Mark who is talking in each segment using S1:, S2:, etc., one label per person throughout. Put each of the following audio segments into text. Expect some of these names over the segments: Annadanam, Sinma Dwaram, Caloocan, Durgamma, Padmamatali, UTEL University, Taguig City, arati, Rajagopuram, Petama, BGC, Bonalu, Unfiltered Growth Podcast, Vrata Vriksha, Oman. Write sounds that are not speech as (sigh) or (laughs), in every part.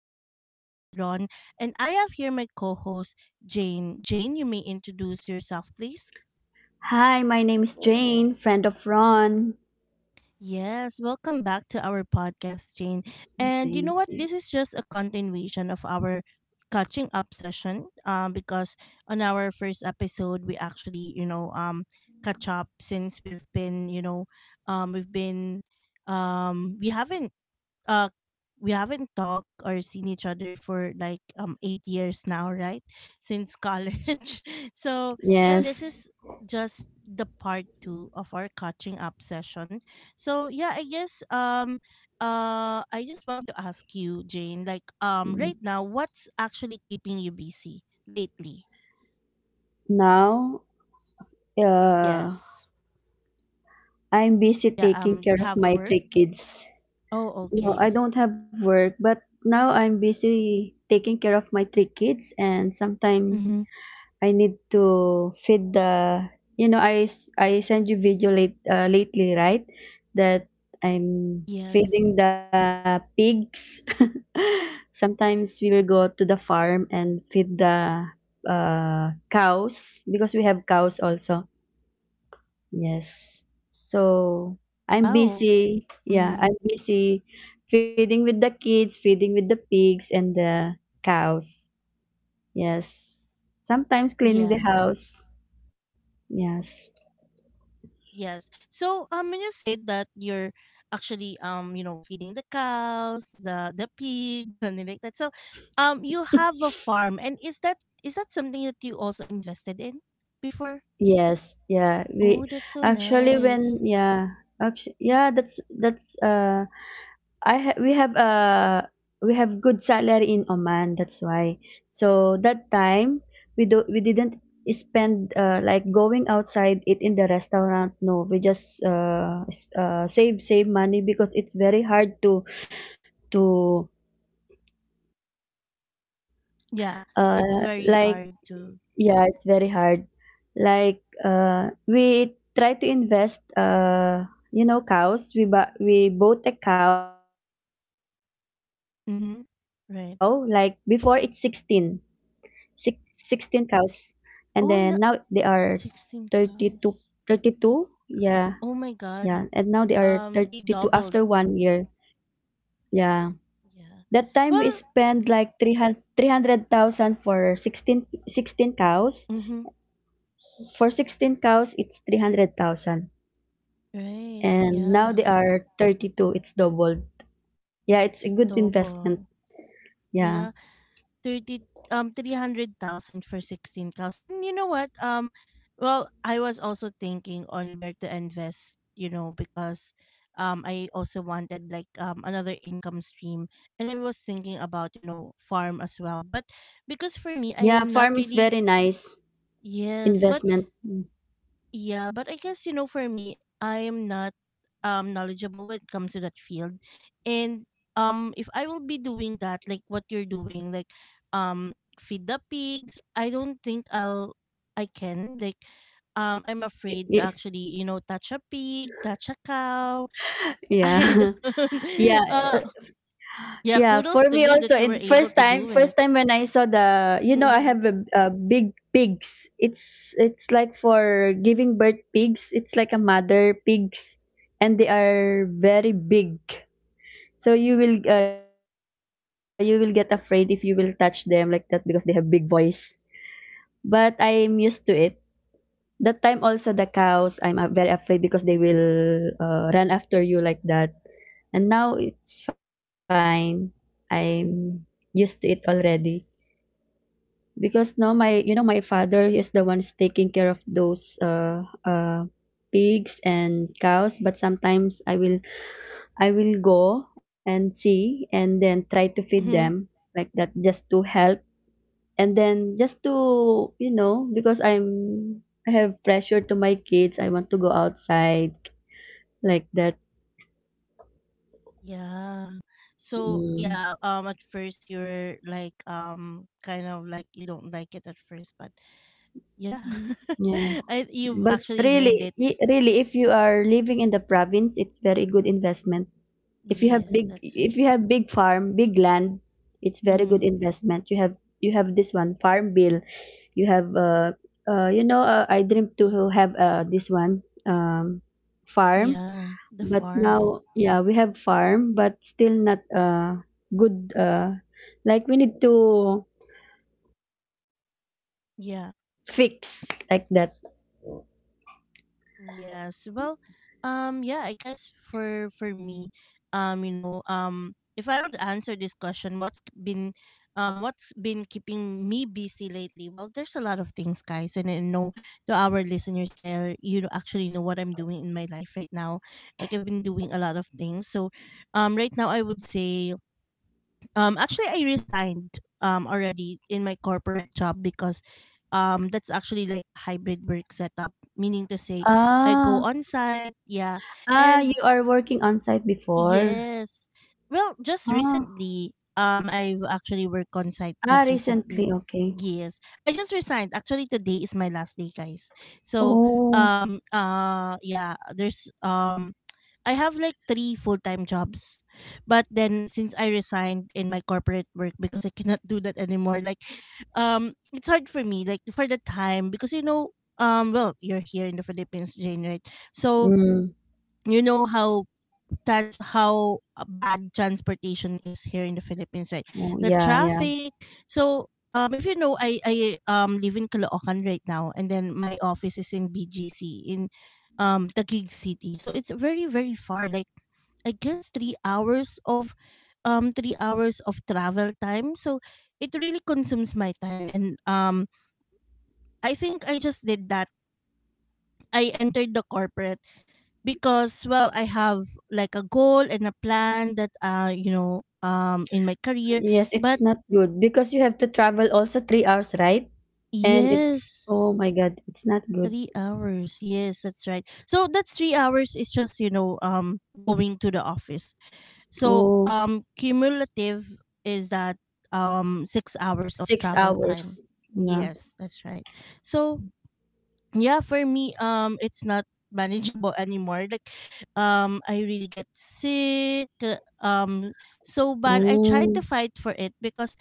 S1: is your host, Ron, and I have here my co host, Jane. Jane, you may introduce yourself, please.
S2: Hi, my name is Jane, friend of Ron.
S1: Yes, welcome back to our podcast, Jane. And you
S2: Thank
S1: know what?
S2: you.
S1: This is just a continuation of our catching up session, because on our first episode, we actually, catch up since we've been, you know, we've been. Um, we haven't uh we haven't talked or seen each other for like 8 years now, right? Since college. (laughs) So, yeah, this
S2: Yes.
S1: is just the part 2 of our catching up session. So, yeah, I guess I just want to ask you, Jane, like
S2: Yes.
S1: right now what's actually keeping you busy lately?
S2: Now,
S1: Yes.
S2: uh, I'm busy
S1: Yeah,
S2: taking
S1: do you
S2: care of
S1: have a
S2: my
S1: work?
S2: three kids.
S1: Oh,
S2: No,
S1: okay.
S2: I don't have work, but now I'm busy taking care of my three kids, and sometimes I need to feed the, I send you video lately, right? That I'm
S1: Yes.
S2: feeding the pigs. (laughs) Sometimes we will go to the farm and feed the, cows, because we have cows also. Yes. So I'm
S1: Oh.
S2: busy. Yeah,
S1: Mhm.
S2: I'm busy feeding with the kids, feeding with the pigs and the cows. Yes. Sometimes cleaning the
S1: Yeah.
S2: house. Yes.
S1: Yes. So when you said that you're actually feeding the cows, the pigs, (laughs) something like that. So you have a farm, and is that, is that something that you also invested in before?
S2: Yes, yeah. We
S1: Oh, that's so
S2: actually
S1: nice.
S2: when yeah, actually, yeah, that's I ha we have good salary in Oman, that's why. So that time we didn't spend like going outside eat in the restaurant. No, we just save money because it's very hard to, to
S1: Yeah. It's very
S2: like.
S1: hard to.
S2: Yeah, it's very hard. Like, we try to invest. You know, cows. We bought a cow like before. It's 16,
S1: Mm-hmm.
S2: six
S1: Right.
S2: sixteen cows, and then now they are thirty
S1: Oh
S2: two,
S1: no,
S2: 32.
S1: 16 cows.
S2: Yeah, yeah, and now
S1: Oh
S2: they
S1: my
S2: are
S1: god.
S2: 32 after
S1: Um, they
S2: 1 year.
S1: doubled.
S2: Yeah, that time
S1: Yeah.
S2: we spent
S1: Well,
S2: like 300, 300,000 for 16, 16 cows.
S1: mm-hmm,
S2: For 16 cows, it's 300,000.
S1: right,
S2: And now they
S1: yeah.
S2: are 32. It's doubled. Yeah, it's a good
S1: It's
S2: investment.
S1: double.
S2: Yeah.
S1: Yeah. 30 300,000 for 16 cows. And you know what? Well, I was also thinking on where to invest, you know, because I also wanted like another income stream, and I was thinking about, you know, farm as well. But because for me I
S2: Yeah,
S1: am not
S2: farm is
S1: really,
S2: very nice
S1: yes, but
S2: investment. Mm.
S1: yeah, but I guess you know for me, I am not knowledgeable when it comes to that field. And if I will be doing that like what you're doing like, um feed the pigs, I don't think I can like, I'm
S2: Y-
S1: afraid to
S2: y-
S1: actually you know touch a pig, touch a cow. (laughs) I
S2: yeah.
S1: don't
S2: (laughs) Yeah.
S1: (laughs) uh
S2: uh,
S1: yeah,
S2: yeah for
S1: kudos to
S2: me
S1: you that
S2: also
S1: you
S2: in
S1: were able to do
S2: first
S1: it.
S2: time when I saw the, I
S1: Mhm.
S2: have a big pigs. It's it's like for giving birth pigs. It's like a mother pigs, and they are very big. So you will, you will get afraid if you will touch them like that because they have big voice, but I'm used to it. That time also the cows, I'm, very afraid because they will, run after you, like that. And now it's fine. I'm used to it already because now my, my father is the one's taking care of those, pigs and cows. But sometimes I will go and see and then try to feed them, like that, just to help, and then just to, because I have pressure to my kids. I want to go outside, like that.
S1: Yeah.
S2: mm,
S1: So yeah, at first you're like kind of like you don't like it at first, but yeah.
S2: yeah
S1: (laughs) I-
S2: but
S1: You've actually
S2: really,
S1: learned it.
S2: really, if you are living in the province, it's very good investment.
S1: Yes, that's
S2: If
S1: right.
S2: you have big farm, big land, it's very good
S1: Hmm.
S2: investment. You have this one farm bill. You have you know I dream to have, this one, farm.
S1: Yeah, the
S2: But
S1: farm.
S2: now, yeah, we have farm, but still not, good, like. We need to
S1: Yeah.
S2: fix, like that.
S1: Yes. Well, yeah, I guess for me, if I would answer this question, what's k- been what's been keeping me busy lately? Well, there's a lot of things, guys, and I know to our listeners there, you know, actually know what I'm doing in my life right now. Like I've been doing a lot of things. So, right now I would say, actually, I resigned already in my corporate job because that's actually like a hybrid work setup, meaning to say I go
S2: Ah.
S1: on site, yeah,
S2: Ah,
S1: and
S2: you are working on site before.
S1: yes, well, just
S2: Ah.
S1: recently, I've actually worked on site
S2: Ah,
S1: just recently.
S2: recently. Okay.
S1: Yes. I just resigned. Actually, today is my last day, guys. So,
S2: Oh.
S1: yeah, I have like three full time jobs. But then, since I resigned in my corporate work because I cannot do that anymore, like, it's hard for me, like, for the time, because, you know, well, you're here in the Philippines, Jane, right? So,
S2: Mm.
S1: you know how trans how bad transportation is here in the Philippines, right?
S2: Oh,
S1: The
S2: yeah, yeah.
S1: traffic. So, if you know, I live in Caloocan right now, and then my office is in BGC in Taguig City. So it's very very far. Like I guess 3 hours of travel time. So it really consumes my time, and I think I just did that. I entered the corporate because well I have like a goal and a plan that in my career,
S2: Yes,
S1: but
S2: it's not good because you have to travel also 3 hours, right? And it's,
S1: yes,
S2: oh my God, it's not good.
S1: 3 hours, yes, that's right. So that 3 hours is just you know going to the office. So
S2: Oh,
S1: cumulative is that 6 hours of
S2: six
S1: travel time.
S2: hours. Yeah.
S1: Yes, that's right. So yeah, for me it's not manageable anymore. Like I really get sick, so bad. I tried to
S2: Oh.
S1: fight for it because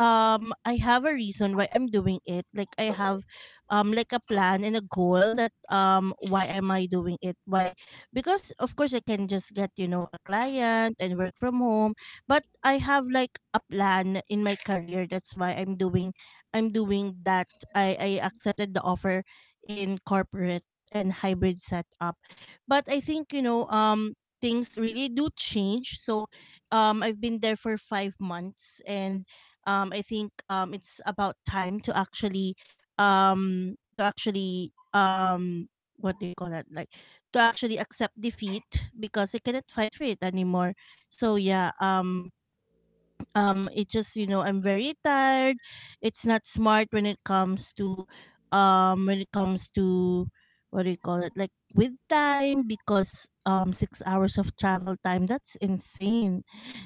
S1: I have a reason why I'm doing it. Like I have like a plan and a goal that why am I doing it? Why? Because of course I can just get, you know, a client and work from home, but I have like a plan in my career. That's why I'm doing that. I accepted the offer in corporate and hybrid setup. But I think, you know, things really do change. So I've been there for 5 months, and I think it's about time to actually, um to actually um what do you call it, like to actually accept defeat because I cannot fight for it anymore. So yeah, it just, you know, I'm very tired. It's not smart when it comes to, when it comes to, what do you call it, like with time because 6 hours of travel time, that's insane.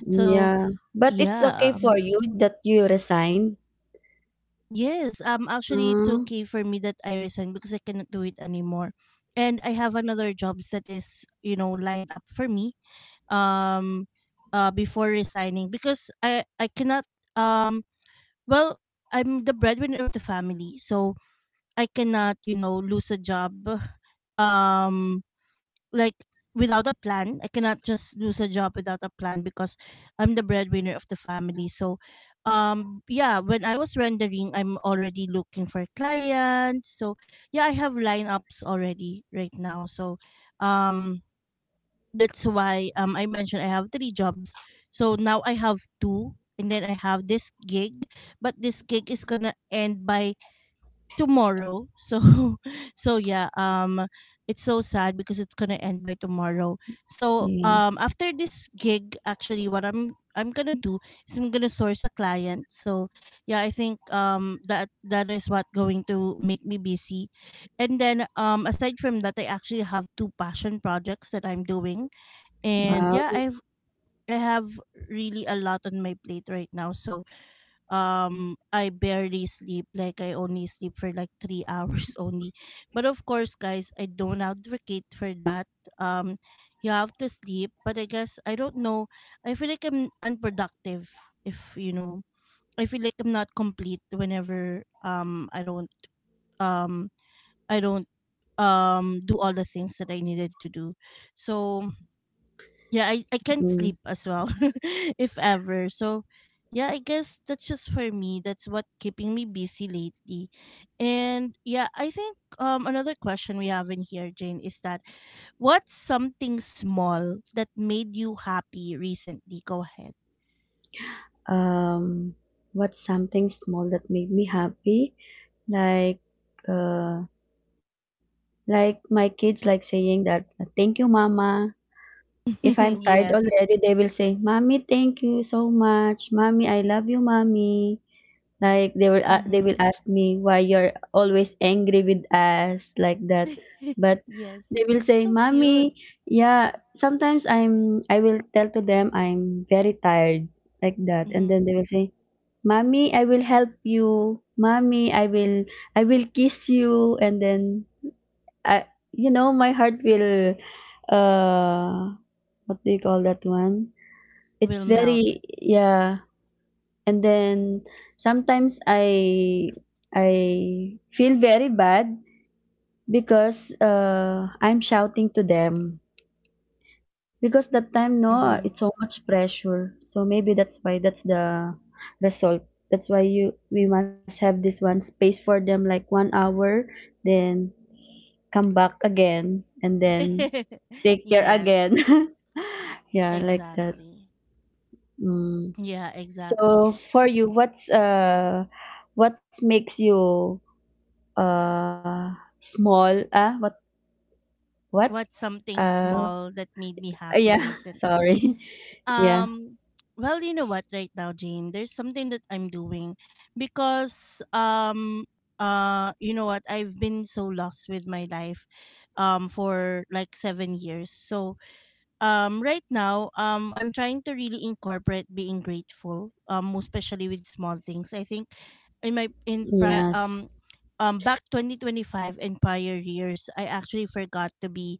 S1: So
S2: Yeah, but it's
S1: yeah,
S2: okay for you that you resign.
S1: yes, actually it's
S2: Uh,
S1: okay for me that I resign because I cannot do it anymore. And I have another jobs that is, you know, lined up for me, um before resigning because I cannot, um well, I'm the breadwinner of the family, so I cannot, you know, lose a job, um like, without a plan. I cannot just lose a job without a plan because I'm the breadwinner of the family. So yeah, when I was rendering, I'm already looking for clients. So yeah, I have lineups already right now. So um that's why I mentioned I have three jobs. So now I have two and then I have this gig, but this gig is gonna end by tomorrow. So (laughs) so yeah, it's so sad because it's gonna end by tomorrow. So
S2: yeah.
S1: after this gig, actually what I'm gonna do is I'm gonna source a client. So yeah, I think that is what going to make me busy. And then aside from that, I actually have two passion projects that I'm doing. And
S2: Wow.
S1: yeah, I've I have really a lot on my plate right now. So I barely sleep. Like I only sleep for like 3 (laughs) hours only, but of course guys I don't advocate for that. um you have to sleep, but I guess I don't know. I feel like I'm unproductive if you know, I feel like I'm not complete whenever um I don't do all the things that I needed to do. So yeah, I can't sleep
S2: Mm.
S1: as well, (laughs) if ever. So, yeah, I guess that's just for me. That's what keeping me busy lately. And yeah, I think another question we have in here, Jane, is that what's something small that made you happy recently? Go ahead.
S2: Um, what's something small that made me happy? Like, uh, like my kids, like saying that, "Thank you, Mama." If I'm
S1: (laughs)
S2: tired
S1: Yes.
S2: already, they will say, "Mommy, thank you so much. Mommy, I love you, Mommy." Like they were a They will
S1: Hmm.
S2: ask me, why you're always angry with us, like that.
S1: (laughs)
S2: But
S1: Yes.
S2: they will say,
S1: So cute.
S2: "Mommy, yeah, sometimes I will tell to them I'm very tired, like that." And
S1: Hmm.
S2: then they will say, "Mommy, I will help you. Mommy, I will kiss you." And then I, my heart will, uh what do you call that one? It's
S1: Will melt.
S2: very, yeah. And then sometimes I feel very bad because, I'm shouting to them because that time, no,
S1: Hmm.
S2: it's so much pressure, so maybe that's why, that's the result. That's why you we must have this one space for them, like 1 hour, then come back again and then
S1: (laughs)
S2: take care
S1: Yes,
S2: again. (laughs) Yeah, like that.
S1: exactly.
S2: Mm.
S1: Yeah, exactly.
S2: So for you, what's, what makes you, uh small, what
S1: What's
S2: uh
S1: something small that made me
S2: yeah?
S1: happy
S2: (laughs) Sorry.
S1: recently?
S2: (laughs) Yeah.
S1: Um, well, you know what, right now, Jane, there's something that I'm doing because you know what, I've been so lost with my life for like 7 years. So right now I'm trying to really incorporate being grateful, especially with small things. I think in my in pri-
S2: Yes.
S1: back 2025 and prior years I actually forgot to be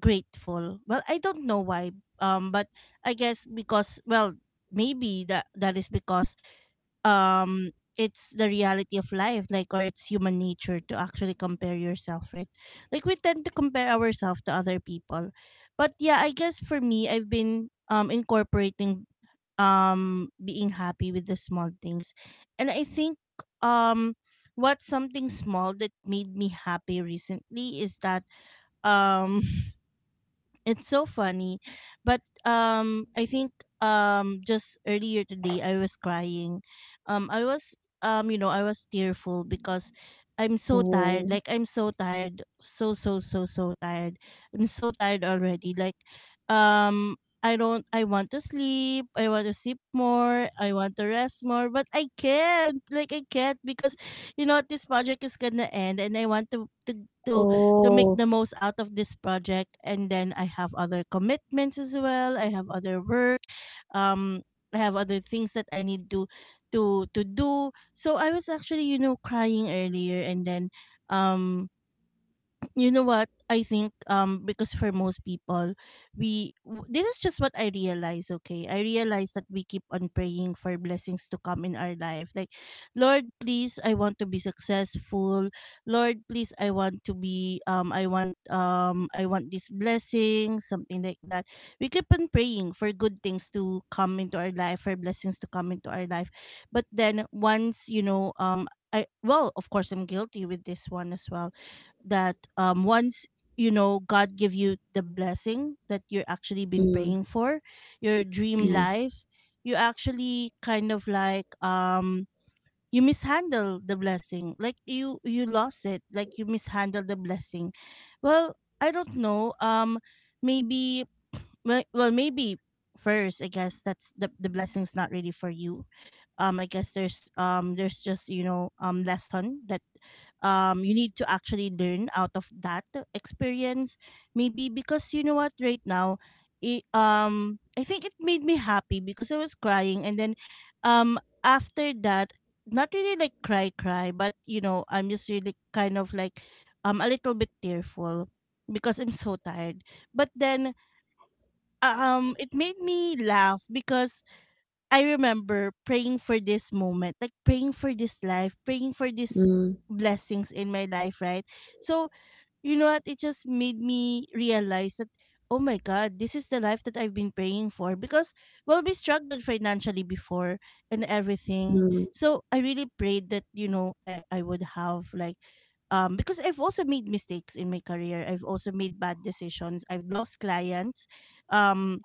S1: grateful. Well, I don't know why, but I guess because well, maybe that that is because um it's the reality of life, like, or it's human nature to actually compare yourself, right? Like we tend to compare ourselves to other people. But yeah, I guess for me I've been incorporating being happy with the small things. And I think um what's something small that made me happy recently is that, um (laughs) it's so funny, but I think just earlier today I was crying. I was you know, I was tearful because I'm so tired.
S2: Oh.
S1: Like I'm so tired, so so so so tired. I'm so tired already. Like um I don't, I want to sleep, I want to sleep more, I want to rest more, but I can't. Like I can't because you know this project is gonna end and I want to to make
S2: Oh.
S1: the most out of this project, and then I have other commitments as well. I have other work, um I have other things that I need to do. So I was actually, you know, crying earlier, and then um you know what, I think because for most people this is just what I realize. Okay, I realize that we keep on praying for blessings to come in our life. Like, Lord please, I want to be successful. Lord please, I want to be, I want I want this blessing, something like that. We keep on praying for good things to come into our life, for blessings to come into our life. But then once I, well, of course, I'm guilty with this one as well, that once you know God give you the blessing that you're actually been
S2: Mm.
S1: praying for, your dream
S2: Yes.
S1: life, you actually kind of like you mishandle the blessing. Like you lost it. Like you mishandle the blessing. Well, I don't know. Maybe. Well, maybe first, I guess that's the blessing's not really for you. I guess there's just lesson that you need to actually learn out of that experience. Maybe because you know what? Right now it, I think it made me happy because I was crying, and then um after that, not really like cry cry, but you know, I'm just really kind of like a little bit tearful because I'm so tired. But then it made me laugh because I remember praying for this moment, like praying for this life, praying for this
S2: Mm.
S1: blessings in my life, right? So, you know what? It just made me realize that, oh my God, this is the life that I've been praying for because, well, we struggled financially before and everything.
S2: Mm.
S1: So, I really prayed that, you know, I would have like, because I've also made mistakes in my career. I've also made bad decisions. I've lost clients. Um,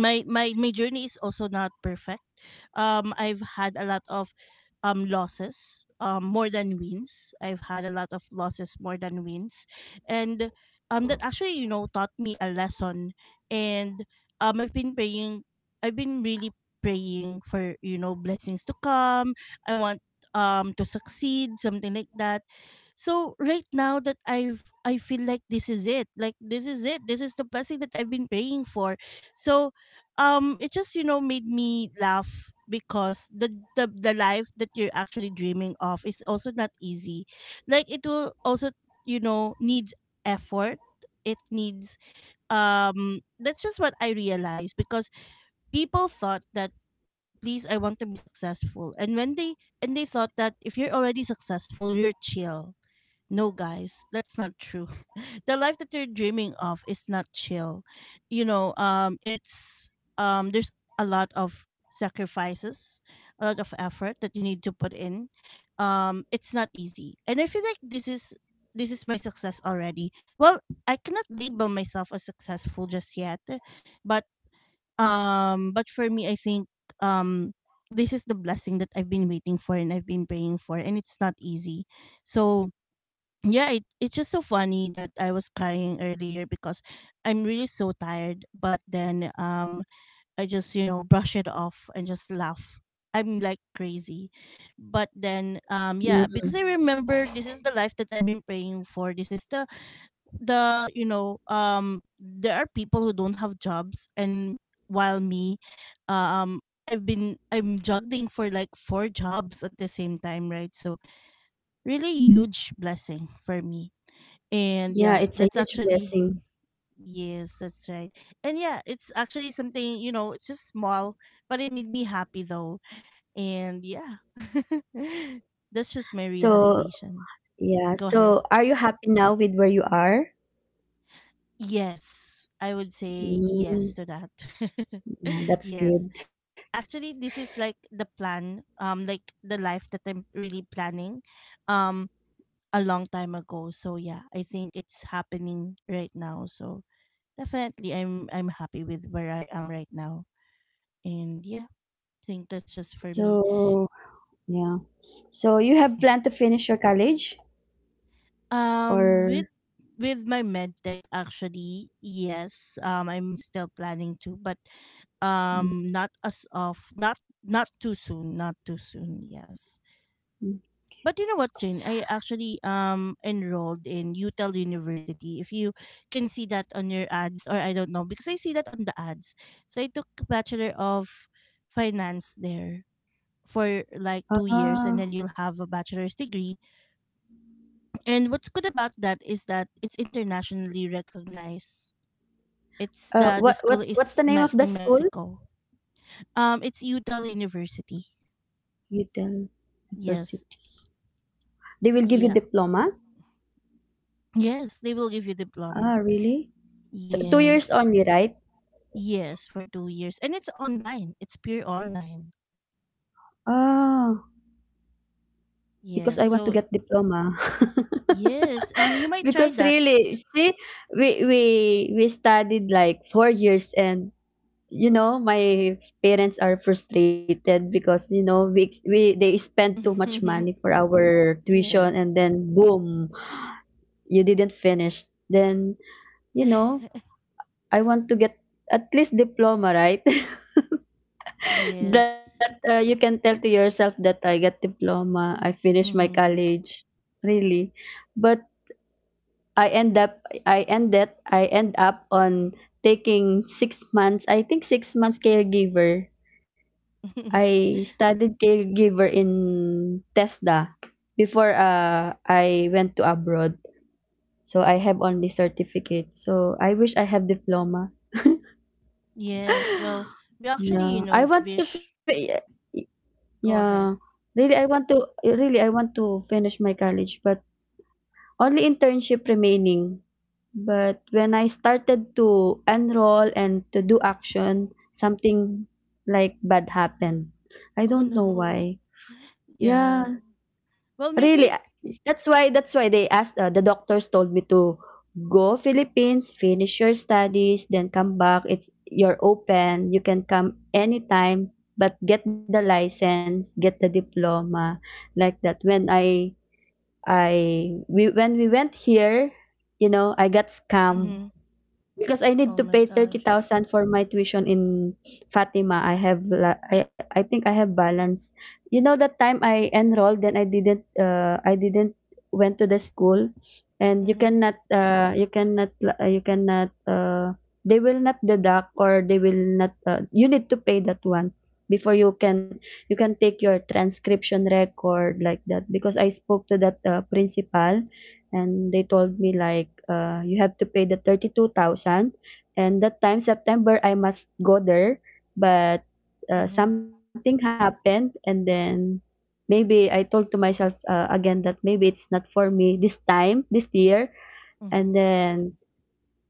S1: my my my journey is also not perfect. I've had a lot of losses, more than wins. I've had a lot of losses more than wins, and that actually, you know, taught me a lesson. And I've been praying. I've been really praying for, you know, blessings to come. I want to succeed, something like that. So right now, that I've I feel like this is it. Like this is it. This is the blessing that I've been praying for. So it just, you know, made me laugh because the life that you're actually dreaming of is also not easy. Like it will also, you know, needs effort. It needs that's just what I realized. Because people thought that, please, I want to be successful, and when they, and they thought that if you're already successful, you're chill. No guys, that's not true. The life that you're dreaming of is not chill. You know, it's there's a lot of sacrifices, a lot of effort that you need to put in. It's not easy, and I feel like this is, this is my success already. Well, I cannot label myself as successful just yet, but but for me, I think um, this is the blessing that I've been waiting for and I've been praying for, and it's not easy. So yeah, it's just so funny that I was crying earlier because I'm really so tired, but then I just, you know, brush it off and just laugh. I'm like crazy.
S2: Mm.
S1: But then yeah, because I remember this is the life that I've been praying for. This is the, you know, there are people who don't have jobs, and while me, um I'm juggling for like four jobs at the same time, right? So really huge blessing for me. And
S2: Yeah,
S1: yeah,
S2: it's a
S1: that's
S2: huge
S1: actually,
S2: blessing.
S1: yes, that's right. And yeah, it's actually something, you know, it's just small, but it made me happy though. And yeah. (laughs) That's just my
S2: So
S1: realization.
S2: yeah,
S1: Go ahead.
S2: so are you happy now with where you are?
S1: Yes. I would say yes to
S2: Mm.
S1: that. (laughs)
S2: Yeah,
S1: Yes.
S2: that's good.
S1: Actually, this is like the plan, like the life that I'm really planning um a long time ago. So yeah, I think it's happening right now. So definitely, I'm happy with where I am right now. And yeah, I think that's just for me.
S2: So yeah, so you have planned to finish your college, or...
S1: With my medtech actually, yes. I'm still planning to, but
S2: Mm.
S1: not as of not too soon, not too soon, yes.
S2: Mm.
S1: But you know what, Jane? I actually enrolled in UTEL University. If you can see that on your ads, or I don't know, because I see that on the ads. So I took Bachelor of Finance there, for like two
S2: Ah.
S1: years and then you'll have a bachelor's degree. And what's good about that is that it's internationally recognized. It's
S2: Uh,
S1: the
S2: what
S1: school
S2: what what's
S1: is
S2: the name
S1: me-
S2: of the
S1: in
S2: school?
S1: Mexico. It's Utah University.
S2: Utah University.
S1: Yes.
S2: They will give you
S1: Yeah.
S2: diploma.
S1: Yes, they will give you
S2: Ah,
S1: diploma.
S2: really? So, 2 years
S1: Yes.
S2: only, right?
S1: Yes, for 2 years, and it's online. It's pure online.
S2: Oh, because I want
S1: Yes.
S2: to get
S1: So
S2: diploma. (laughs)
S1: yes, you might
S2: Because
S1: try that.
S2: really, see, we we we studied like 4 years, and you know, my parents are frustrated because, we they spend too much money
S1: (laughs)
S2: for our tuition,
S1: Yes.
S2: and then, boom, you didn't finish. Then, you know,
S1: (laughs)
S2: I want to get at least diploma, right? (laughs)
S1: Yes.
S2: That, you can tell to yourself that I got diploma, I finished my college, really. But I end up, I end up on taking 6 months. I think 6 months caregiver. I
S1: (laughs)
S2: studied caregiver in TESDA before, I went to abroad. So I have only certificate. So I wish I have diploma. (gasps) (laughs)
S1: Yes, well, we actually,
S2: Yeah,
S1: you know,
S2: I want to.
S1: wish. Go
S2: Yeah.
S1: ahead. (laughs)
S2: Really, I want to finish my college, but only internship remaining. But when I started to enroll and to do action, something like bad happened. I
S1: Oh
S2: don't know
S1: no.
S2: why. Yeah.
S1: Yeah. Well,
S2: Really, ah,
S1: maybe.
S2: that's why the doctors told me to go Philippines, finish your studies, then come back. It's you're open. You can come anytime, but get the license, get the diploma, like that. When we went here, you know, I got scammed.
S1: Mhm.
S2: Because I need
S1: Oh
S2: to
S1: my
S2: pay
S1: gosh.
S2: 30,000 for my tuition in Fatima. I think I have balance. You know that time I enrolled then I didn't went to the school, and
S1: Mm-hmm.
S2: you cannot, they will not deduct, or they will not, you need to pay that one before you can take your transcription record, like that, because I spoke to that, principal, and they told me like, you have to pay the 32,000, and that time September I must go there, but,
S1: Mm-hmm.
S2: something happened, and then maybe I told to myself, again, that maybe it's not for me this time, this year.
S1: Mm-hmm.
S2: and then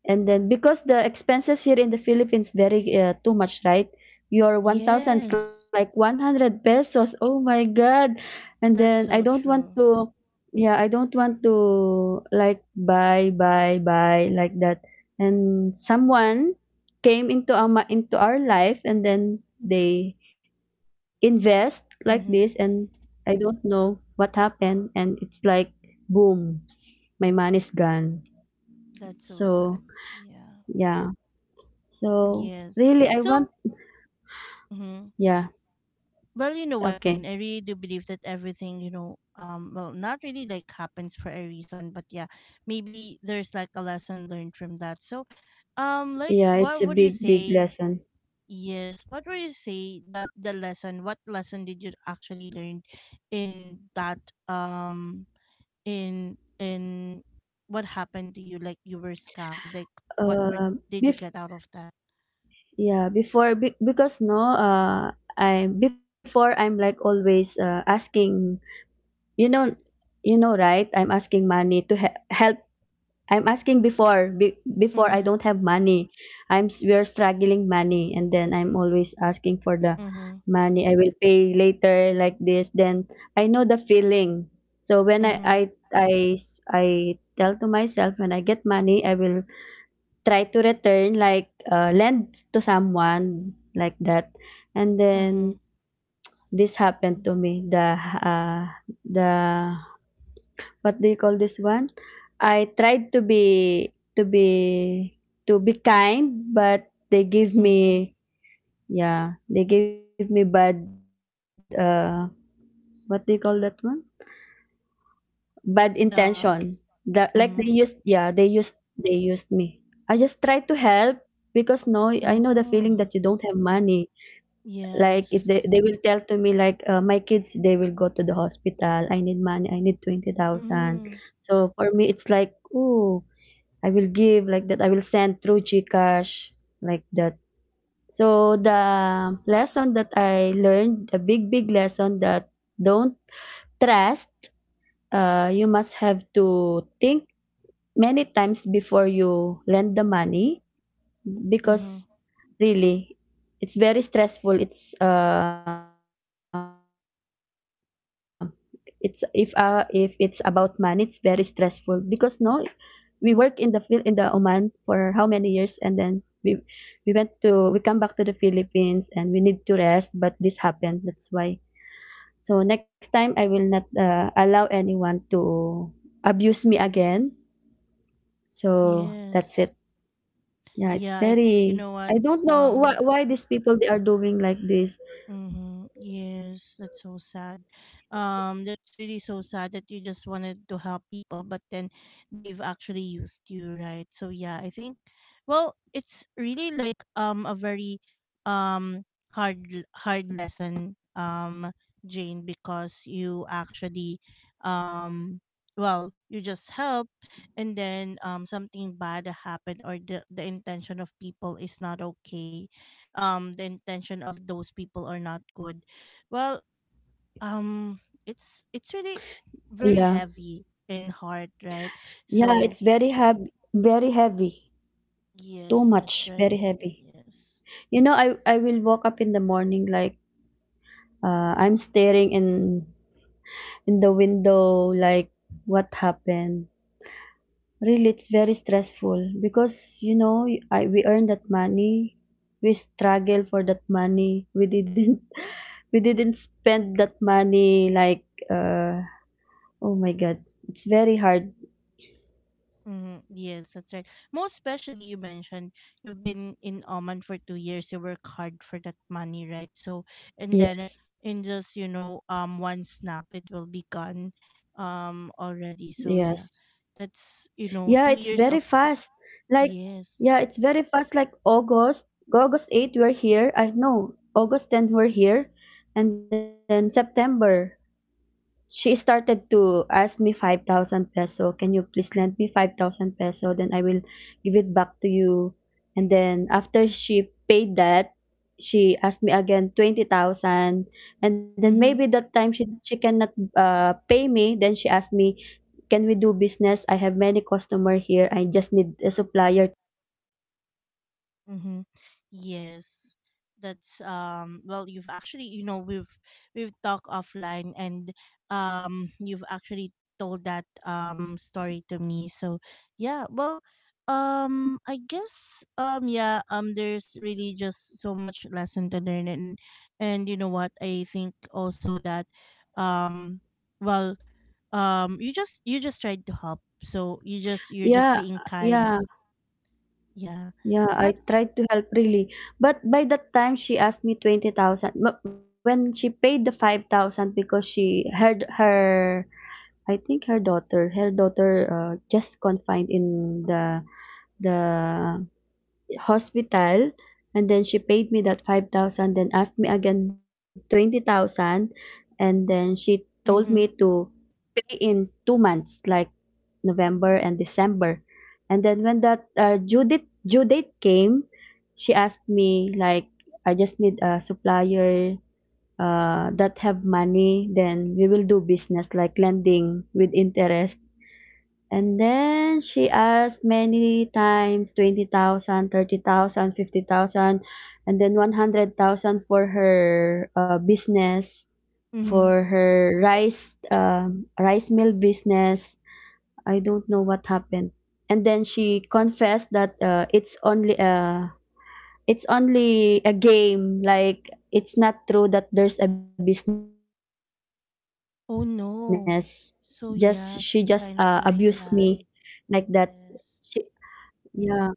S2: and then because the expenses here in the Philippines very, too much, right? Your
S1: Yes,
S2: 1000 is like 100 pesos. Oh my God. And
S1: that's
S2: then I
S1: so
S2: don't want
S1: true.
S2: to yeah, I don't want to, like, buy, like that. And someone came into into our life, and then they invest like this,
S1: Mm-hmm.
S2: and I don't know what happened, and it's like, boom, my money's gone.
S1: That's so
S2: So,
S1: sad. Yeah.
S2: yeah. So
S1: Yes.
S2: really I want,
S1: So, hmm,
S2: yeah.
S1: well, you know what,
S2: Okay.
S1: Jane? I really do believe that everything, you know, well, not really like happens for a reason, but yeah, maybe there's like a lesson learned from that. So, like,
S2: Yeah, it's
S1: what
S2: a
S1: would you
S2: big, big
S1: say?
S2: lesson.
S1: Yes. What were you say the lesson? What lesson did you actually learn in that um in what happened to you? Like you were scammed. Like what were,
S2: Uh,
S1: did you
S2: bef-
S1: get out of that?
S2: yeah, because, no, I, before, I'm like always, asking, you know, right? I'm asking money to help. I'm asking before, before I
S1: Mm-hmm,
S2: don't have money. We're struggling money, and then I'm always asking for the
S1: mm-hmm,
S2: money. I will pay later, like this. Then I know the feeling. So when I I
S1: mm-hmm,
S2: I I tell to myself, when I get money, I will try to return, like, lend to someone, like that. And then this happened to me. The, what do you call this one? I tried to be kind, but they give
S1: mm-hmm.
S2: me yeah, they gave me bad, what do you call that one? Bad intention. That,
S1: Uh,
S2: like, they used yeah, they
S1: mm-hmm.
S2: used they used me. I just try to help because, no, I know the feeling that you don't
S1: Oh.
S2: have money. Like if they
S1: Yes.
S2: they will tell to me, like, my kids they will go to the hospital. I need money. I need 20,000.
S1: Mm-hmm.
S2: So for me it's like, oh, I will give, like that. I will send through GCash, like that. So the lesson that I learned, a big, big lesson that don't trust. You must have to think many times before you lend the money
S1: Mm-hmm.
S2: because really it's very stressful. It's if it's about money, it's very stressful because no, we work in the field in the Oman for how many years and then we come back to the Philippines and we need to rest, but this happened, that's why. So next time I will not allow anyone to abuse me again, so that's
S1: Yes.
S2: it. Yeah,
S1: Yeah,
S2: it's
S1: I think you
S2: very,
S1: know what?
S2: I don't know why
S1: Um,
S2: why these people they are doing like this.
S1: Mm-hmm. Yes, that's so sad. That's really so sad that you just wanted to help people, but then they've actually used you, right? So yeah, I think, well, it's really like a very um hard lesson, Jane, because you actually um well, you just help, and then something bad happened, or the intention of people is not okay. The intention of those people are not good. Well, um it's really
S2: Yeah,
S1: very heavy in heart, right?
S2: yeah,
S1: So
S2: it's very heavy, very heavy, too
S1: yes,
S2: much,
S1: that's right.
S2: very heavy.
S1: Yes.
S2: You know, I will wake up in the morning like I'm staring in the window like what happened. Really, it's very stressful because you know I, we earned that money, we struggle for that money. We didn't (laughs) we didn't spend that money like uh oh my God, it's very hard.
S1: Hmm. Yes, that's right. Most especially, you mentioned you've been in Oman for 2 years, you work hard for that money, right? So, and then,
S2: Yes,
S1: in just, you know, one snap, it will be gone
S2: yes.
S1: already. So yeah, that's,
S2: Yeah,
S1: you
S2: it's
S1: know, two
S2: very
S1: years of,
S2: fast. Like, yeah,
S1: yes.
S2: it's very fast. Like August, August 8 we're here. I know August 10 we're here, and then September. She started to ask me 5,000 peso. Can you please lend me 5,000 peso? Then I will give it back to you. And then after she paid that, she asked me again 20,000. And then maybe that time she cannot pay me. Then she asked me, can we do business? I have many customer here. I just need a supplier.
S1: Mm-hmm. Yes. That's well, you've actually, you know, we've talked offline, and you've actually told that story to me. So yeah, well, I guess, yeah, there's really just so much lesson to learn. And you know what, I think also that, um well, you just, tried to help. So you just, you're just
S2: Yeah,
S1: being kind.
S2: yeah.
S1: Yeah.
S2: Yeah, I
S1: But
S2: tried to help, really, but by that time she asked me 20,000. But when she paid the 5,000, because she had her, I think her daughter, just confined in the hospital, and then she paid me that 5,000, then asked me again 20,000, and then she told me
S1: mm-hmm.
S2: to pay in 2 months, like November and December. And then when that due date came, she asked me like, I just need a supplier that have money. Then we will do business like lending with interest. And then she asked many times 20,000, 30,000, 50,000, and then 100,000 for her business,
S1: mm-hmm.
S2: for her rice rice mill business. I don't know what happened. And then she confessed that it's only a game. Like, it's not true that there's a business. Just she just
S1: Oh, no.
S2: abused me
S1: So, yeah,
S2: like
S1: she
S2: that.
S1: kind of like
S2: She,
S1: that.
S2: yeah.
S1: Yeah.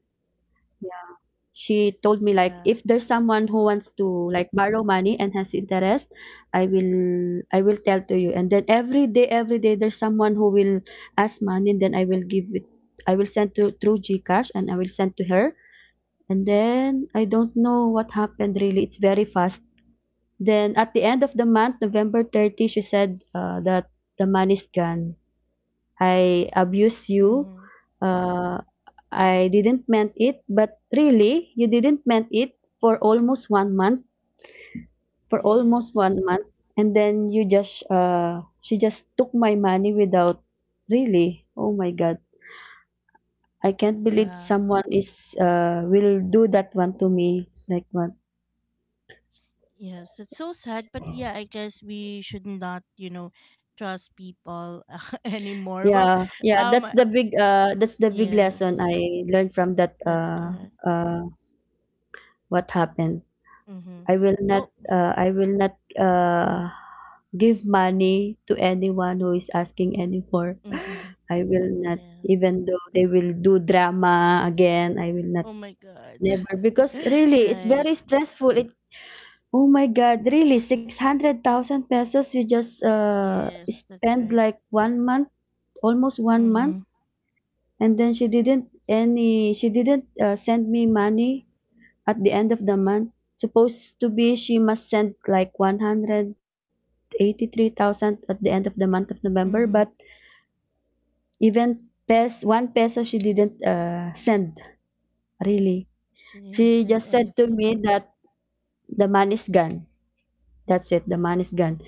S2: She told me like, if there's someone
S1: Yeah.
S2: who wants to like borrow money and has interest, I will tell to you, and then every day there's someone who will ask money and then I will give it. I will send to through GCash and I will send to her. And then I don't know what happened, really, it's very fast. Then at the end of the month, November 30, she said that the money's gone. I abuse you.
S1: Mhm.
S2: uh, I didn't meant it, but really, you didn't meant it for almost one month, for
S1: Yes.
S2: almost one month, and then you just she just took my money without, really. Oh my God. I can't believe
S1: Yeah.
S2: someone is will do that one to me, like what.
S1: Yes. It's so sad, but yeah, I guess we should not, you know, trust people (laughs) anymore. Well,
S2: Yeah, yeah,
S1: um,
S2: that's the big
S1: yes.
S2: lesson I learned from that uh what happened.
S1: Mm-hmm. Well,
S2: I will not give money to anyone who is asking any for.
S1: mm-hmm.
S2: (laughs) I will not,
S1: Yes.
S2: even though they will do drama again, I will
S1: Oh
S2: not,
S1: my God.
S2: never,
S1: (laughs)
S2: because really it's
S1: Right.
S2: very stressful. It, oh my God, really 600,000 pesos you just
S1: Yes, that's
S2: spend
S1: right.
S2: like one month, almost one month,
S1: Mm-hmm.
S2: and then she didn't any she didn't send me money at the end of the month. Supposed to be she must send like 183,000 at the end of the month of November,
S1: Mm-hmm.
S2: but even pes one peso she didn't send, really.
S1: She didn't
S2: She
S1: send
S2: just said to
S1: anything.
S2: me that the man is gone. That's it. The man is gone.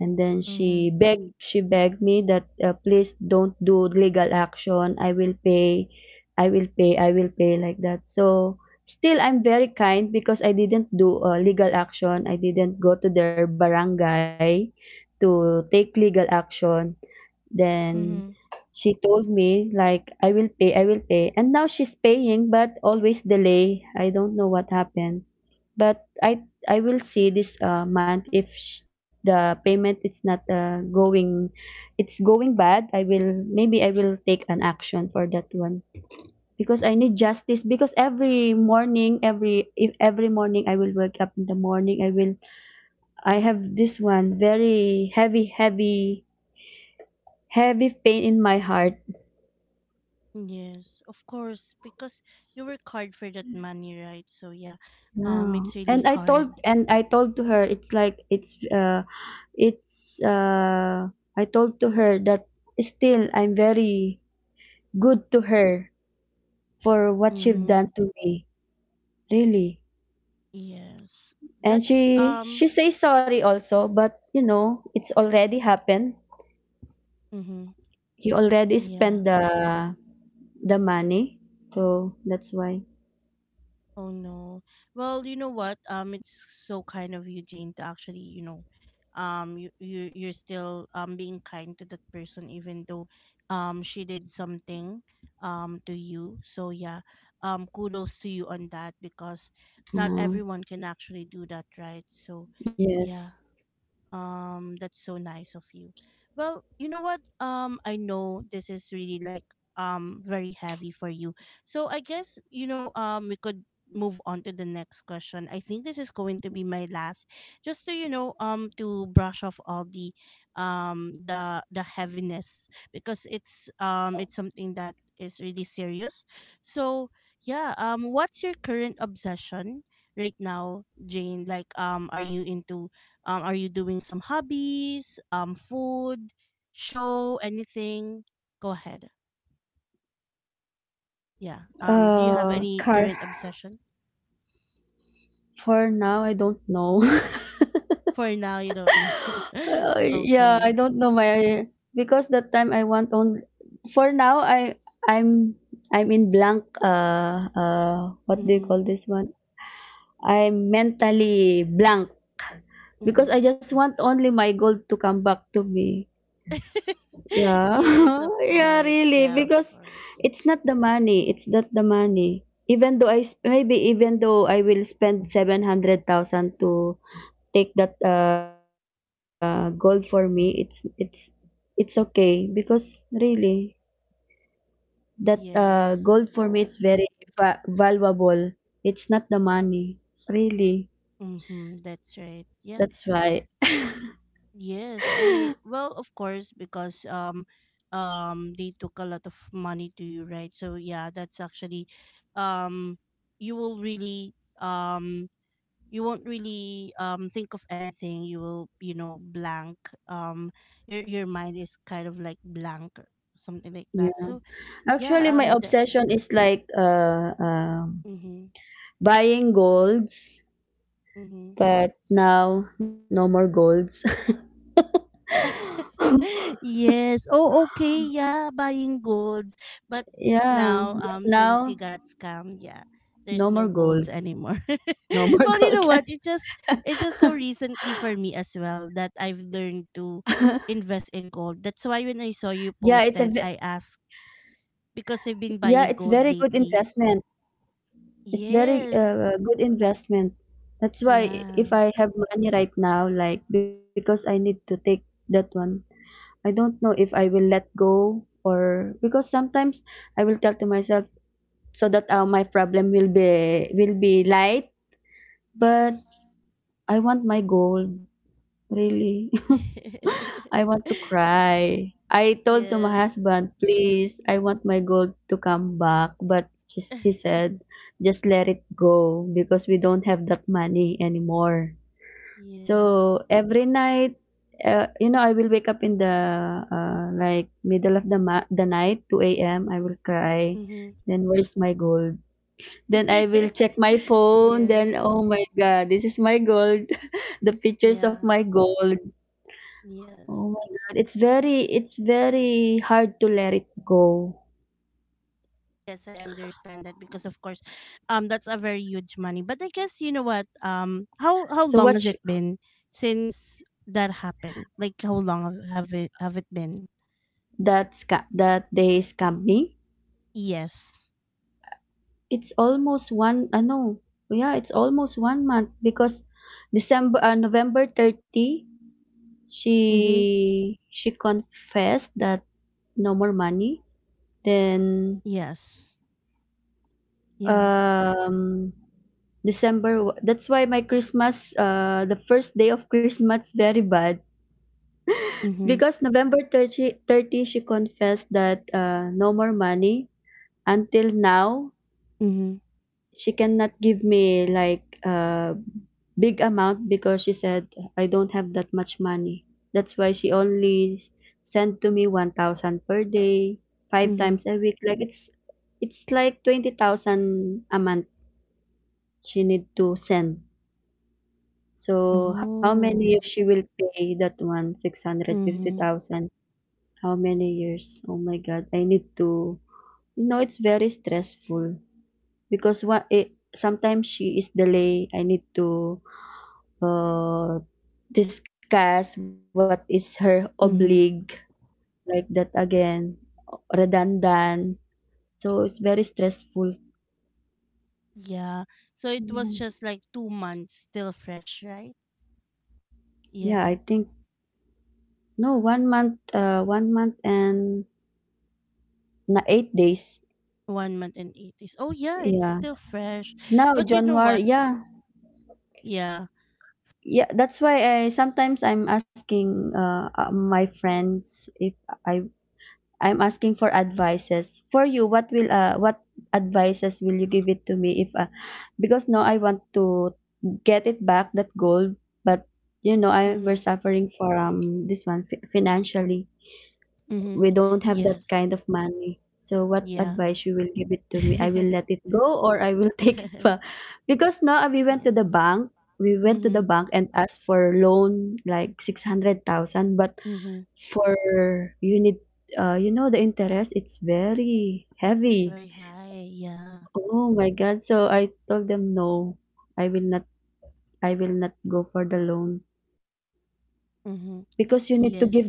S2: And then
S1: Mm-hmm.
S2: she begged me that, "Please don't do legal action. I will pay. I will pay. I will pay," like that. So still I'm very kind because I didn't do a legal action. I didn't go to their barangay to take legal action. Then
S1: Mm-hmm.
S2: she told me like, I will pay, I will pay. And now she's paying but always delay. I don't know what happened. But I will see this month, if sh- the payment is not going, it's going bad, I will, maybe I will take an action for that one, because I need justice, because every morning every if every morning I will wake up in the morning, I will, I have this one very heavy, heavy, heavy pain in my heart.
S1: Yes, of course, because you work hard for that money, right? So yeah, it's
S2: Wow.
S1: really
S2: And I
S1: hard.
S2: told and I told to her it's like it's I told to her that still I'm very good to her for what
S1: Mm-hmm.
S2: she've done to me. Really.
S1: Yes,
S2: And
S1: that's
S2: she she says sorry also, but you know, it's already happened.
S1: mm-hmm.
S2: He already spent the money. So that's why.
S1: Oh no. Well, you know what? It's so kind of you, Jane, to actually, you know, you you're still being kind to that person, even though she did something to you. So yeah, kudos to you on that, because not everyone
S2: Um
S1: can actually do that, right? So, yeah.
S2: yes.
S1: That's so nice of you. Well, you know what? I know this is really like very heavy for you. So I guess, you know, we could move on to the next question. I think this is going to be my last, just to, you know, to brush off all the heaviness, because it's something that is really serious. So yeah, what's your current obsession right now, Jane? Like, are you into are you doing some hobbies, food, show, anything? Go ahead. Yeah. Do you have any
S2: Car,
S1: current obsession?
S2: for now I don't know. (laughs)
S1: For now, you don't know. (laughs)
S2: Yeah, I don't know
S1: Okay.
S2: my, because that time I want on, for now I, I'm I'm in blank, what do you
S1: Mm-hmm.
S2: call this one? I'm mentally blank because
S1: Mm-hmm.
S2: I just want only my gold to come back to me.
S1: (laughs)
S2: Yeah.
S1: Yes, of
S2: (laughs) Yeah,
S1: course.
S2: really,
S1: Yeah.
S2: because it's not the money, it's not the money. Even though I sp- maybe even though I will spend 700,000 to take that gold, for me, it's it's okay because really that gold for me it's
S1: Yes.
S2: very va- valuable. It's not the money, really.
S1: Mm-hmm. That's
S2: That's
S1: right. Yeah.
S2: why.
S1: Yes, I, well, of course, because they took a lot of money to you, right? So yeah, that's actually um you will really um you won't really think of anything. You will, you know, blank. Um your mind is kind of like blank or something like that.
S2: Yeah.
S1: So yeah,
S2: Actually, my
S1: the,
S2: obsession is like
S1: mm-hmm,
S2: buying golds,
S1: mm-hmm.
S2: but now no more golds. (laughs)
S1: (laughs) Yes. Oh, okay. Yeah, buying golds. But n-
S2: Yeah,
S1: now,
S2: but
S1: since you
S2: now
S1: got scammed, yeah, there's
S2: no
S1: no
S2: more
S1: golds
S2: golds.
S1: anymore.
S2: No
S1: (laughs)
S2: more (laughs)
S1: Well, you know
S2: gold.
S1: what? It just, it's just so
S2: (laughs)
S1: recently for me as well that I've learned to invest in gold. That's why
S2: Yeah,
S1: when I
S2: it's
S1: saw you
S2: a
S1: posted, I asked because
S2: yeah,
S1: I've
S2: it's
S1: been
S2: very
S1: buying
S2: good
S1: gold lately.
S2: investment. It's very
S1: Yes.
S2: good investment. That's why
S1: Yeah.
S2: if I have money right now, like, because I need to take that one, I don't know if I will let go, or because sometimes I will tell to myself so that my problem will be light, but
S1: Mm.
S2: I want my gold, really. (laughs) I
S1: (laughs)
S2: want to cry. I told to my
S1: Yes.
S2: husband, please, I want my gold to come back. But just, he
S1: (sighs)
S2: said, just let it go because we don't have that money anymore.
S1: Yes.
S2: So every night, you know, I will wake up in the like middle of the ma- the night, 2 a.m. I will cry.
S1: Hmm.
S2: Then where's my gold? Then I will check my
S1: (laughs)
S2: phone.
S1: Yes.
S2: Then oh my God, this is my gold. (laughs) The pictures
S1: Yeah.
S2: of my gold. Oh
S1: Yes.
S2: my God, it's very, it's very hard to let it go.
S1: Yes, I understand that, because of course, that's a very huge money. But I guess you know what? How
S2: So
S1: long has
S2: watch
S1: it been since that happened? Like how long have it been?
S2: that sca that they scam me.
S1: Yes.
S2: It's almost one, I know. Yeah, it's almost one month because December November 30
S1: Mm-hmm.
S2: she confessed that no more money. Then
S1: Yes. Yeah.
S2: um December wa- that's why my Christmas, the first day of Christmas, very bad.
S1: Mm-hmm.
S2: Because November thirty, she confessed that no more money. Until now,
S1: Mm-hmm.
S2: she cannot give me like a big amount because she said I don't have that much money. That's why she only sent to me 1,000 per day, five
S1: Mm-hmm.
S2: times a week. Like it's like 20,000 a month she need to send. So how
S1: Oh.
S2: many years she will pay that one
S1: Mm-hmm.
S2: 650,000? How many years? Oh my God, I need to. You know, it's very stressful because what it, sometimes she is delay. I need to uh, discuss what is her oblig, like that again, redundant. So it's very stressful.
S1: Yeah. So it was
S2: Yeah.
S1: just like 2 months, still fresh, right?
S2: Yeah,
S1: Yeah.
S2: I think no one month, one month and na eight days.
S1: 1 month and 8 days. Oh yeah, it's
S2: Yeah,
S1: still fresh.
S2: now
S1: But you know what?
S2: January. Yeah.
S1: Yeah.
S2: Yeah, that's why I sometimes I'm asking my friends if I, I'm asking for advices. For you, what will what advices will you give it to me, if because now I want to get it back, that gold, but you know I, we're
S1: Mhm.
S2: suffering for this one fi- financially.
S1: Mhm.
S2: We don't have that
S1: Yes.
S2: kind of money. So what
S1: Yeah.
S2: advice you will give it to me? I will let
S1: (laughs)
S2: it go or I will (laughs) take it back. Because now we went to the
S1: Yes.
S2: bank, we went to the
S1: Mhm.
S2: bank and asked for loan like 600,000, but
S1: Mhm.
S2: for you need you know the interest it's very
S1: It's
S2: heavy.
S1: very high. Yeah.
S2: Oh my God. So I told them no. I will not, I will not go for the loan.
S1: Mhm.
S2: Because you need to give the,
S1: Yes.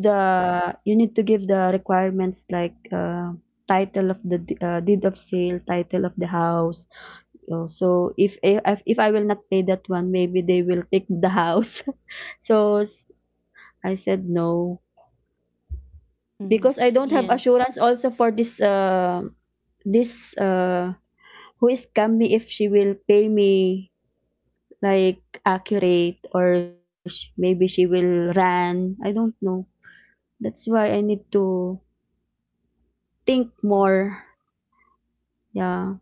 S2: you need to give the requirements like title of the d- deed of sale, title of the house. So if I will not pay that one, maybe they will take the house. (laughs) So s- I said no,
S1: Mhm.
S2: because I don't have
S1: Yes.
S2: assurance also for this this uh, who is scam me, if she will pay me like accurate or sh- maybe she will run. I don't know. That's why I need to think
S1: Mhm.
S2: more. Yeah.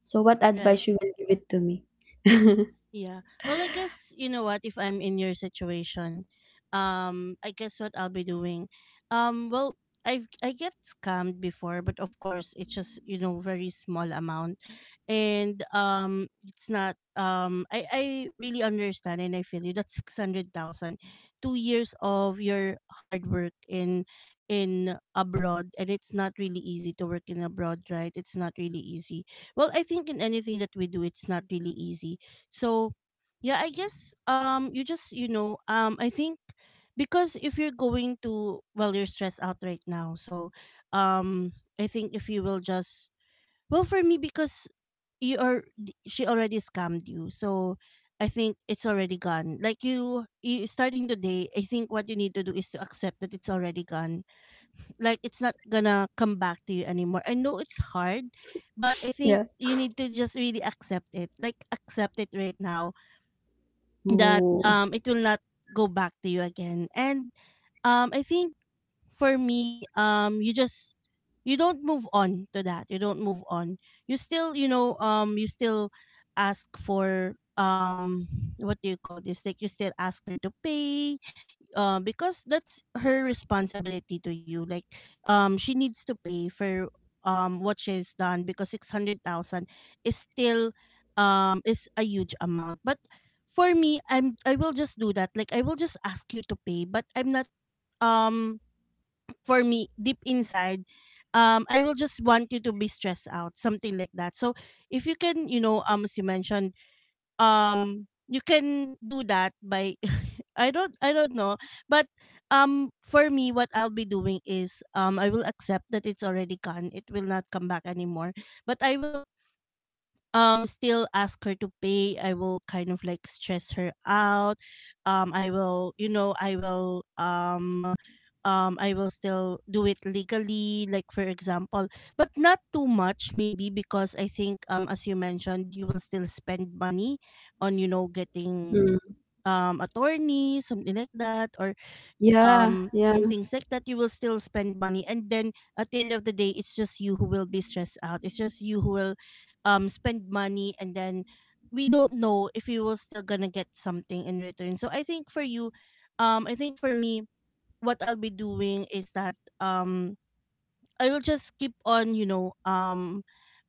S2: So what
S1: Right.
S2: advice you will give it to me? (laughs)
S1: Yeah. Well, I guess you know what, if I'm in your situation, I guess what I'll be doing, um, well, I get scammed before, but of course it's just, very small amount, and it's not, I really understand and I feel you. That's 600,000, 2 years of your hard work in abroad, and it's not really easy to work in abroad, right? It's not really easy. Well, I think in anything that we do, it's not really easy, so yeah, I guess you just, you know, I think, because if you're going to, well, you're stressed out right now. So um I think if you will just, well, for me, because you are, she already scammed you. So I think it's already gone. Like you starting the day, I think what you need to do is to accept that it's already gone. Like it's not gonna come back to you anymore. I know it's hard, but I think
S2: Yeah.
S1: you need to just really accept it. Like accept it right now that
S2: Oh.
S1: it will not go back to you again. And I think for me, you just, you don't move on to that, you don't move on, you still, you know, you still ask for, what do you call this, like you still ask her to pay, because that's her responsibility to you, like she needs to pay for what she's done, because 600,000 is still, is a huge amount. But for me, I will just do that. Like I will just ask you to pay, but I'm not, um for me, deep inside, I will just want you to be stressed out, something like that. So if you can, you know, as you mentioned, you can do that by, I don't, know. But for me, what I'll be doing is, I will accept that it's already gone. It will not come back anymore. But I will still ask her to pay. I will kind of like stress her out. I will, you know, I will, I will still do it legally, like for example, but not too much maybe, because I think as you mentioned, you will still spend money on, you know, getting
S2: Mm.
S1: attorney, something like that, or
S2: Yeah. Yeah.
S1: in things like that, you will still spend money. And then at the end of the day, it's just you who will be stressed out. It's just you who will spend money, and then we don't know if you will still gonna get something in return. So I think for you, I think for me, what I'll be doing is that I will just keep on, you know, um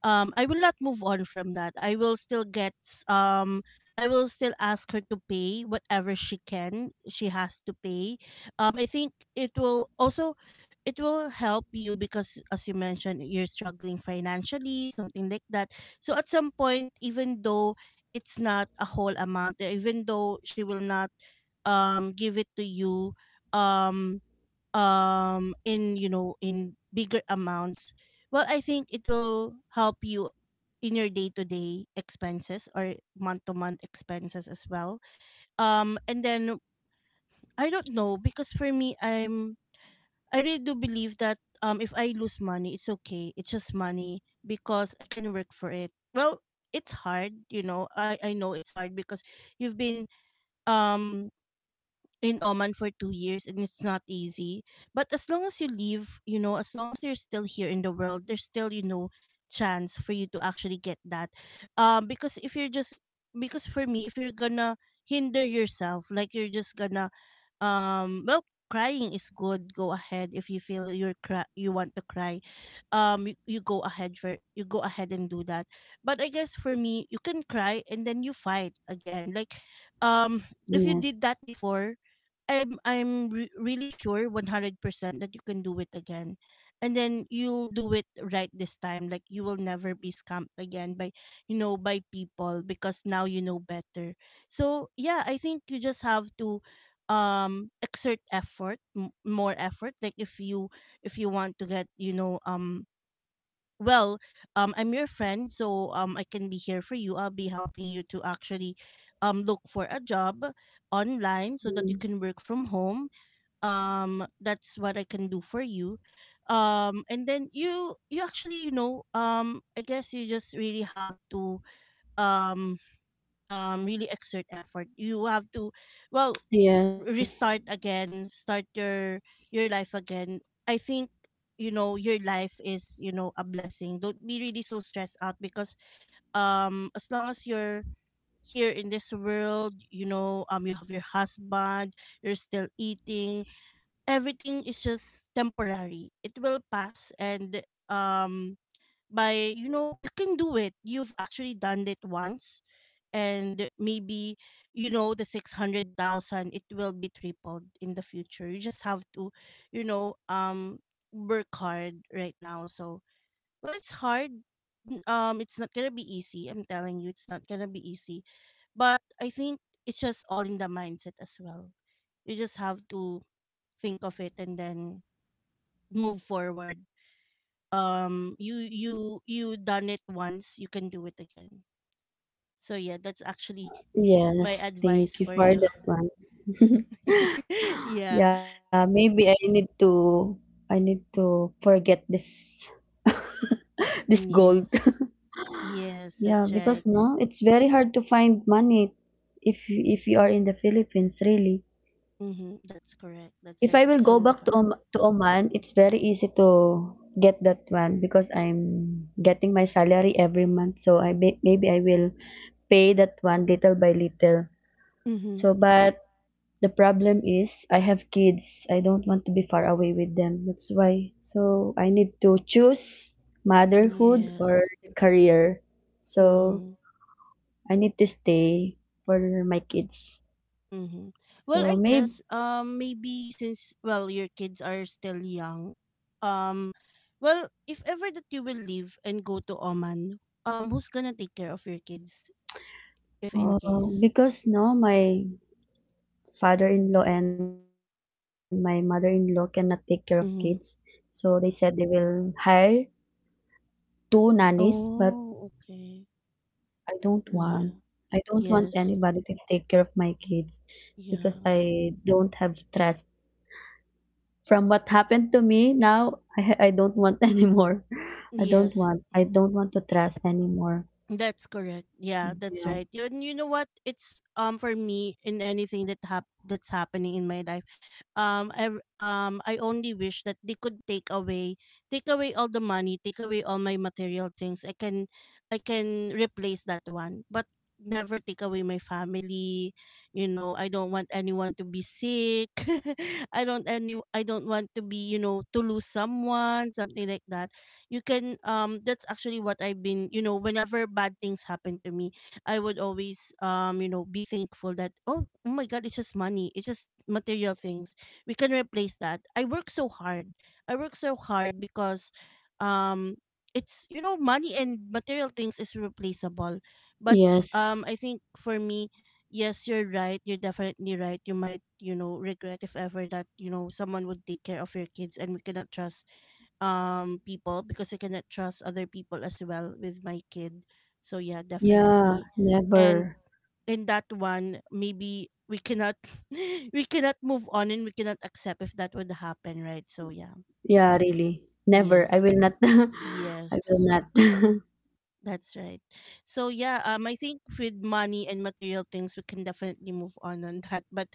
S1: um I will not move on from that. I will still get I will still ask her to pay whatever she can. She has to pay. I think it will also, it will help you, because as you mentioned, you're struggling financially, something like that. So at some point, even though it's not a whole amount, even though she will not give it to you, um in, you know, in bigger amounts, well, I think it will help you in your day-to-day expenses or month-to-month expenses as well. And then, I don't know, because for me, I really do believe that if I lose money, it's okay, it's just money because I can work for it. Well, it's hard, you know, I know it's hard because you've been um in Oman for 2 years, and it's not easy. But as long as you live, you know, as long as you're still here in the world, there's still, you know, chance for you to actually get that. Because if you're just, because for me, if you're gonna hinder yourself, like you're just gonna, well, crying is good. Go ahead. If you feel you're you want to cry, you, you go ahead, for you go ahead and do that. But I guess for me, you can cry and then you fight again, like um if you did that
S2: Yes.
S1: before, I'm really sure 100% that you can do it again. And then you'll do it right this time. Like you will never be scammed again by, you know, by people, because now you know better. So yeah, I think you just have to exert effort, more effort, like if you, if you want to get, you know, well, I'm your friend, so I can be here for you. I'll be helping you to actually look for a job online so that you can
S2: Mm.
S1: work from home. That's what I can do for you. And then you, actually, you know, I guess you just really have to, um, really exert effort. You have to, well,
S2: Yes.
S1: restart again, start your life again. I think, you know, your life is, you know, a blessing. Don't be really so stressed out, because as long as you're here in this world, you know, you have your husband, you're still eating. Everything is just temporary. It will pass. And um by, you know, you can do it. You've actually done it once. And maybe, you know, the 600,000, it will be tripled in the future. You just have to, you know, work hard right now. So well, it's hard. It's not going to be easy. I'm telling you, it's not going to be easy. But I think it's just all in the mindset as well. You just have to think of it and then move forward. You, you done it once, you can do it again. So yeah, that's actually my
S2: Yes. Thank
S1: advice
S2: you
S1: for
S2: for
S1: you.
S2: that one. (laughs)
S1: (laughs) Yeah.
S2: Yeah, maybe I need to, I need to forget this (laughs) this gold.
S1: Yes.
S2: (laughs)
S1: Yes,
S2: Yeah,
S1: that's
S2: because
S1: right.
S2: no, it's very hard to find money if you are in the Philippines, really.
S1: Mm-hmm. That's correct. That's
S2: If
S1: right.
S2: I will
S1: It's
S2: go
S1: so.
S2: back to Om to Oman, it's very easy to get that one because I'm getting my salary every month. So I may maybe I will pay that one little by little.
S1: Mm-hmm.
S2: So, but the problem is I have kids. I don't want to be far away with them. That's why. So I need to choose
S1: Yes.
S2: motherhood or career.
S1: Mm-hmm.
S2: So I need to stay for my kids.
S1: Mm-hmm. Well, I
S2: So
S1: guess
S2: maybe
S1: maybe since, well, your kids are still young, um, well, if ever that you will leave and go to Oman, who's gonna take care of your kids if in
S2: uh,
S1: case?
S2: because now my father-in-law and my mother-in-law cannot take care of kids. So they
S1: Mm-hmm.
S2: said they will hire two nannies, but
S1: Oh, okay.
S2: I don't want.
S1: Yeah.
S2: I don't want
S1: Yeah.
S2: anybody to take care of my kids because
S1: Yeah.
S2: I don't have trust. From what happened to me now, I (laughs) ha- I don't want (laughs) anymore. I don't
S1: Yes.
S2: want. I don't want to trust anymore.
S1: That's correct. Yeah, that's
S2: Yeah.
S1: right. You, and you know what? It's for me, in anything that that's happening in my life, I only wish that they could take away, take away all the money, take away all my material things. I can, I can replace that one. But never take away my family. You know, I don't want anyone to be sick. (laughs) I don't, any I don't want to be, you know, to lose someone, something like that. You can, that's actually what I've been, you know, whenever bad things happen to me, I would always, you know, be thankful that oh, oh my god, it's just money, it's just material things, we can replace that. I work so hard. I work so hard, because um it's, you know, money and material things is replaceable. But
S2: Yes.
S1: I think for me, yes, you're right, you're definitely right. You might, you know, regret if ever that, you know, someone would take care of your kids, and we cannot trust people, because I cannot trust other people as well with my kid. So yeah,
S2: Yeah,
S1: definitely. And
S2: never.
S1: in that one, maybe we cannot, (laughs) we cannot move on, and we cannot accept if that would happen, right? So yeah.
S2: Yeah, really. Never. I
S1: Yes.
S2: will not. (laughs) I
S1: Yes,
S2: will not.
S1: that's right. So yeah, I think with money and material things, we can definitely move on (laughs) that. But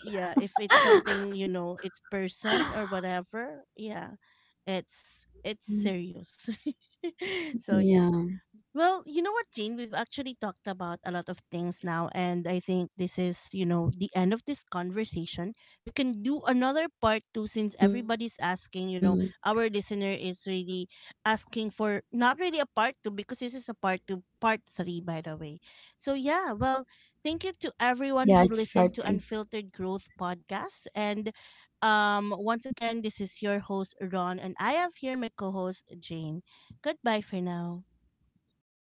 S1: yeah, if it's something,
S2: (laughs)
S1: you know, it's person or whatever, yeah, it's
S2: Mm,
S1: it's serious. (laughs) So
S2: yeah.
S1: yeah. Well, you know what, Jane? We've actually talked about a lot of things now, and I think this is, you know, the end of this conversation. We can do
S2: Mm.
S1: another part two since everybody's asking, you know, our listener is really asking for, not really a part two, because this is a part two, part three, by the way. So yeah,
S2: Yeah, it's
S1: well,
S2: part three.
S1: thank you to everyone who listened to Unfiltered Growth Podcast. And once again, this is your host, Ron, and I have here my co host, Jane. Goodbye for now.
S2: Bye.